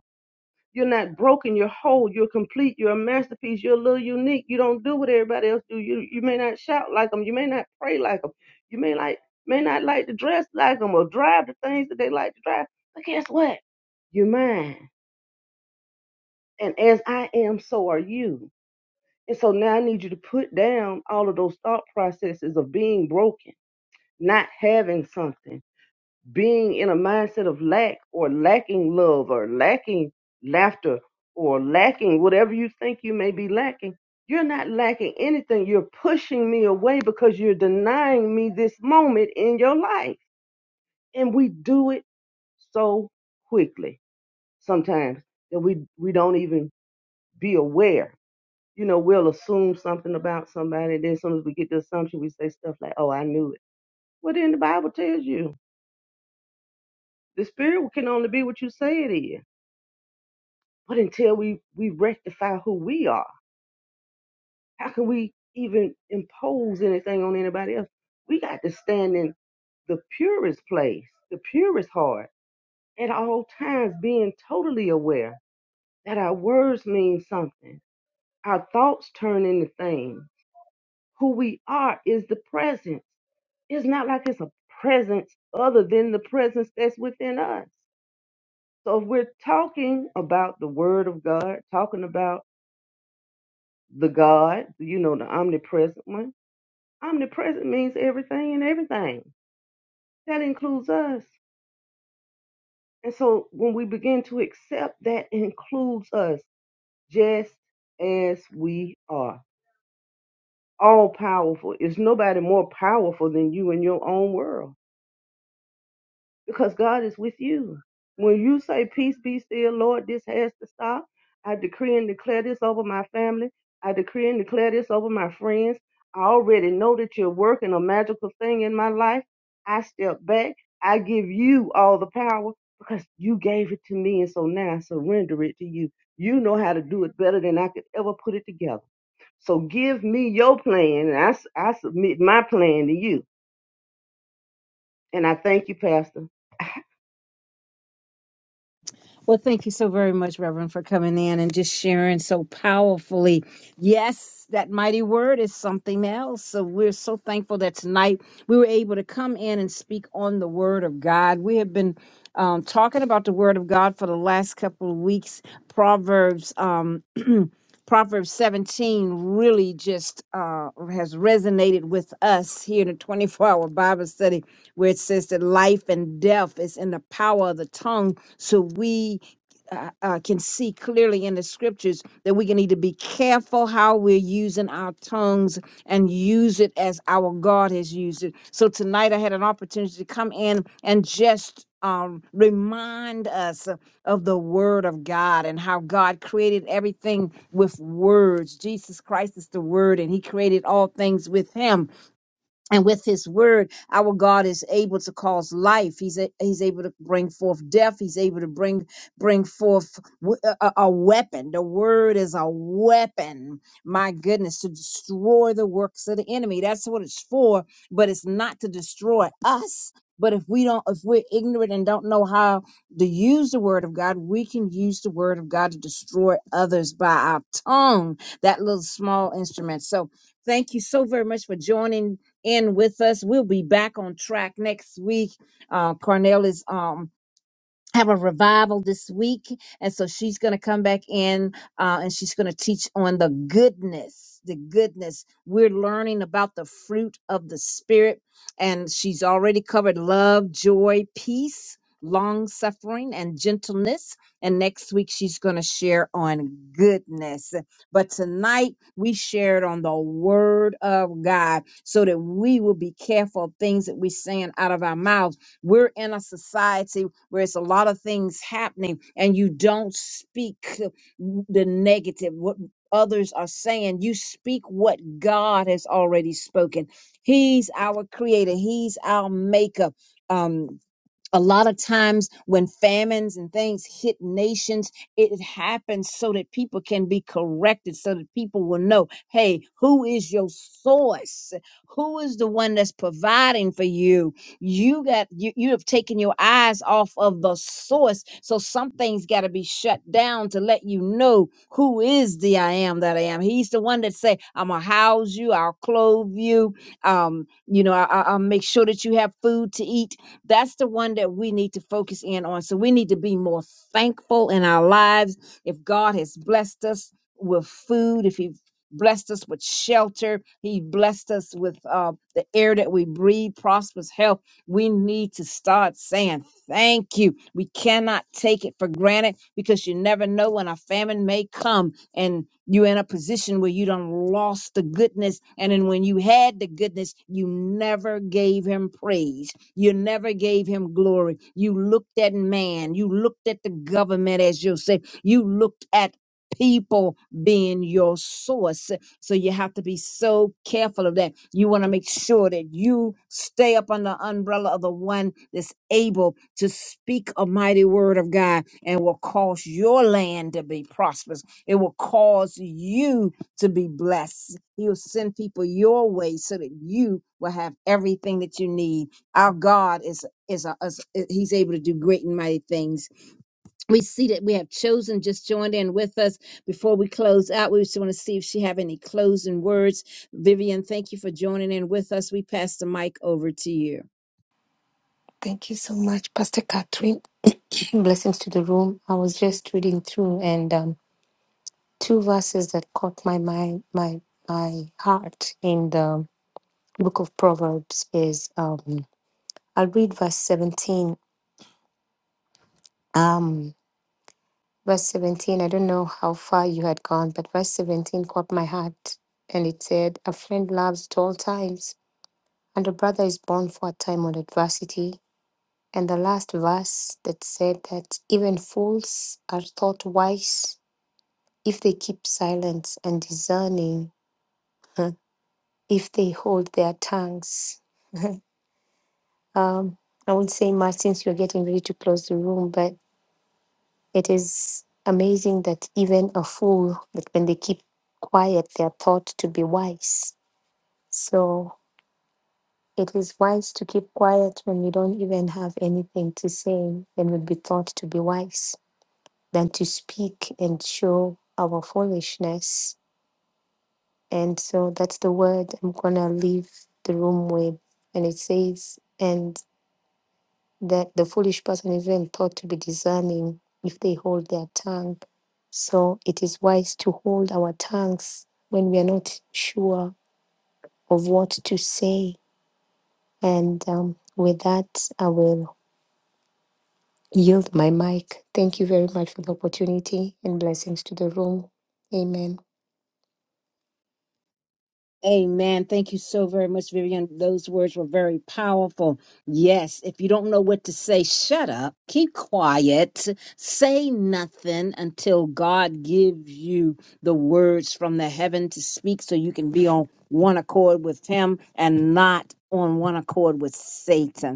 C: You're not broken. You're whole. You're complete. You're a masterpiece. You're a little unique. You don't do what everybody else do. You you may not shout like them. You may not pray like them. You may like may not like to dress like them or drive the things that they like to drive. But guess what? You're mine. And as I am, so are you. And so now I need you to put down all of those thought processes of being broken, not having something being in a mindset of lack or lacking love or lacking laughter or lacking whatever you think you may be lacking, you're not lacking anything. You're pushing me away because you're denying me this moment in your life. And we do it so quickly sometimes that we, we don't even be aware. You know, we'll assume something about somebody, and then as soon as we get the assumption, we say stuff like, Oh, I knew it. Well, then the Bible tells you the spirit can only be what you say it is. But until we, we rectify who we are, how can we even impose anything on anybody else? We got to stand in the purest place, the purest heart, at all times being totally aware that our words mean something. Our thoughts turn into things. Who we are is the presence. It's not like it's a presence other than the presence that's within us. So if we're talking about the word of God, talking about the God, you know, the omnipresent one. Omnipresent means everything and everything. That includes us. And so when we begin to accept that includes us just as we are, all powerful. It's nobody more powerful than you in your own world. because God is with you. When you say, Peace be still, Lord, this has to stop, I decree and declare this over my family. I decree and declare this over my friends. I already know that you're working a magical thing in my life. I step back. I give you all the power because you gave it to me. And so now I surrender it to you. You know how to do it better than I could ever put it together. So give me your plan and I I submit my plan to you. And I thank you, Pastor.
B: Well, thank you so very much, Reverend, for coming in and just sharing so powerfully. Yes, that mighty word is something else. So we're so thankful that tonight we were able to come in and speak on the word of God. We have been um, talking about the word of God for the last couple of weeks. Proverbs, um, Proverbs 17 really just uh, has resonated with us here in the 24 hour Bible study, where it says that life and death is in the power of the tongue so we uh, uh, can see clearly in the scriptures that we can need to be careful how we're using our tongues and use it as our God has used it. So tonight I had an opportunity to come in and just um, remind us of the Word of God and how God created everything with words. Jesus Christ is the Word, and He created all things with Him and with his word, our God is able to cause life. He's a, he's able to bring forth death. He's able to bring bring forth w- a, a- a weapon. The word is a weapon. My goodness, to destroy the works of the enemy. That's what it's for. But it's not to destroy us. But if we don't, if we're ignorant and don't know how to use the word of God, we can use the word of God to destroy others by our tongue. That little small instrument. So thank you so very much for joining in with us. We'll be back on track next week. Uh, Cornell is um, have a revival this week and so she's going to come back in uh, and she's going to teach on the goodness the goodness we're learning about the fruit of the spirit and she's already covered love joy peace long suffering and gentleness and next week she's going to share on goodness but tonight we shared on the word of god so that we will be careful of things that we're saying out of our mouth. We're in a society where it's a lot of things happening, and you don't speak the negative, what others are saying. You speak what God has already spoken. He's our creator, He's our maker. Um, a lot of times when famines and things hit nations it happens so that people can be corrected so that people will know hey who is your source who is the one that's providing for you you got you, you have taken your eyes off of the source so some things got to be shut down to let you know who is the i am that i am he's the one that say i'm gonna house you i'll clothe you um you know I, I- i'll make sure that you have food to eat that's the one that we need to focus in on. So we need to be more thankful in our lives. If God has blessed us with food, if He blessed us with shelter, He blessed us with uh, the air that we breathe, prosperous health, we need to start saying thank you. We cannot take it for granted because you never know when a famine may come and you're in a position where you done lost the goodness. And then when you had the goodness, you never gave him praise. You never gave him glory. You looked at man. You looked at the government as you said. You looked at people being your source. So you have to be so careful of that. You want to make sure that you stay up under the umbrella of the one that's able to speak a mighty word of God and will cause your land to be prosperous. It will cause you to be blessed. He'll send people your way so that you will have everything that you need our God is is, a, is he's able to do great and mighty things. We see that we have chosen just joined in with us before we close out. We just want to see if she have any closing words. Vivian, thank you for joining in with us. We pass the mic over to you.
D: Thank you so much, Pastor Catherine. Blessings to the room. I was just reading through, and um, two verses that caught my mind, my my heart in the book of Proverbs is um, I'll read verse seventeen. Um, verse seventeen. I don't know how far you had gone, but verse seventeen caught my heart, and it said, "A friend loves at all times, and a brother is born for a time of adversity." And the last verse that said that even fools are thought wise if they keep silence and discerning, huh, if they hold their tongues. Um, I would say, Martin, since you're getting ready to close the room, but it is amazing that even a fool, that when they keep quiet, they are thought to be wise. So it is wise to keep quiet when you don't even have anything to say and would be thought to be wise than to speak and show our foolishness And so that's the word I'm going to leave the room with. And it says, and that the foolish person is even thought to be discerning if they hold their tongue. So it is wise to hold our tongues when we are not sure of what to say. And um, with that, I will yield my mic. Thank you very much for the opportunity and blessings to the room. Amen.
B: Amen. Thank you so very much, Vivian. Those words were very powerful. Yes, if you don't know what to say, shut up, keep quiet, say nothing until God gives you the words from the heaven to speak so you can be on one accord with Him and not on one accord with Satan.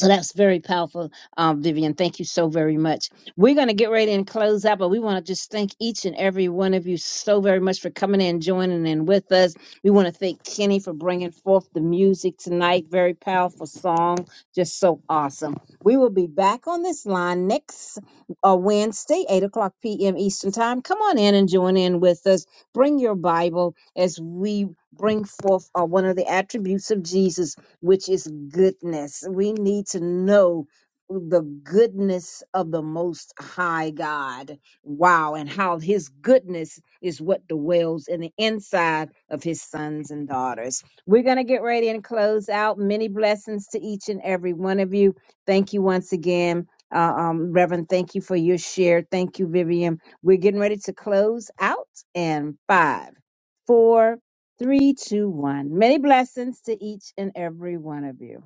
B: So that's very powerful, um, Vivian. Thank you so very much. We're going to get ready and close out, but we want to just thank each and every one of you so very much for coming in, joining in with us. We want to thank Kenny for bringing forth the music tonight. Very powerful song, just so awesome. We will be back on this line next uh, Wednesday, 8 o'clock p.m. Eastern Time. Come on in and join in with us. Bring your Bible as we bring forth uh, one of the attributes of Jesus which is goodness. We need to know the goodness of the most high God. Wow. And how his goodness is what dwells in the inside of his sons and daughters. We're going to get ready and close out. Many blessings to each and every one of you. Thank you once again. Uh, um, Reverend, thank you for your share. Thank you, Vivian. We're getting ready to close out in five, four. Three, two, one. Many blessings to each and every one of you.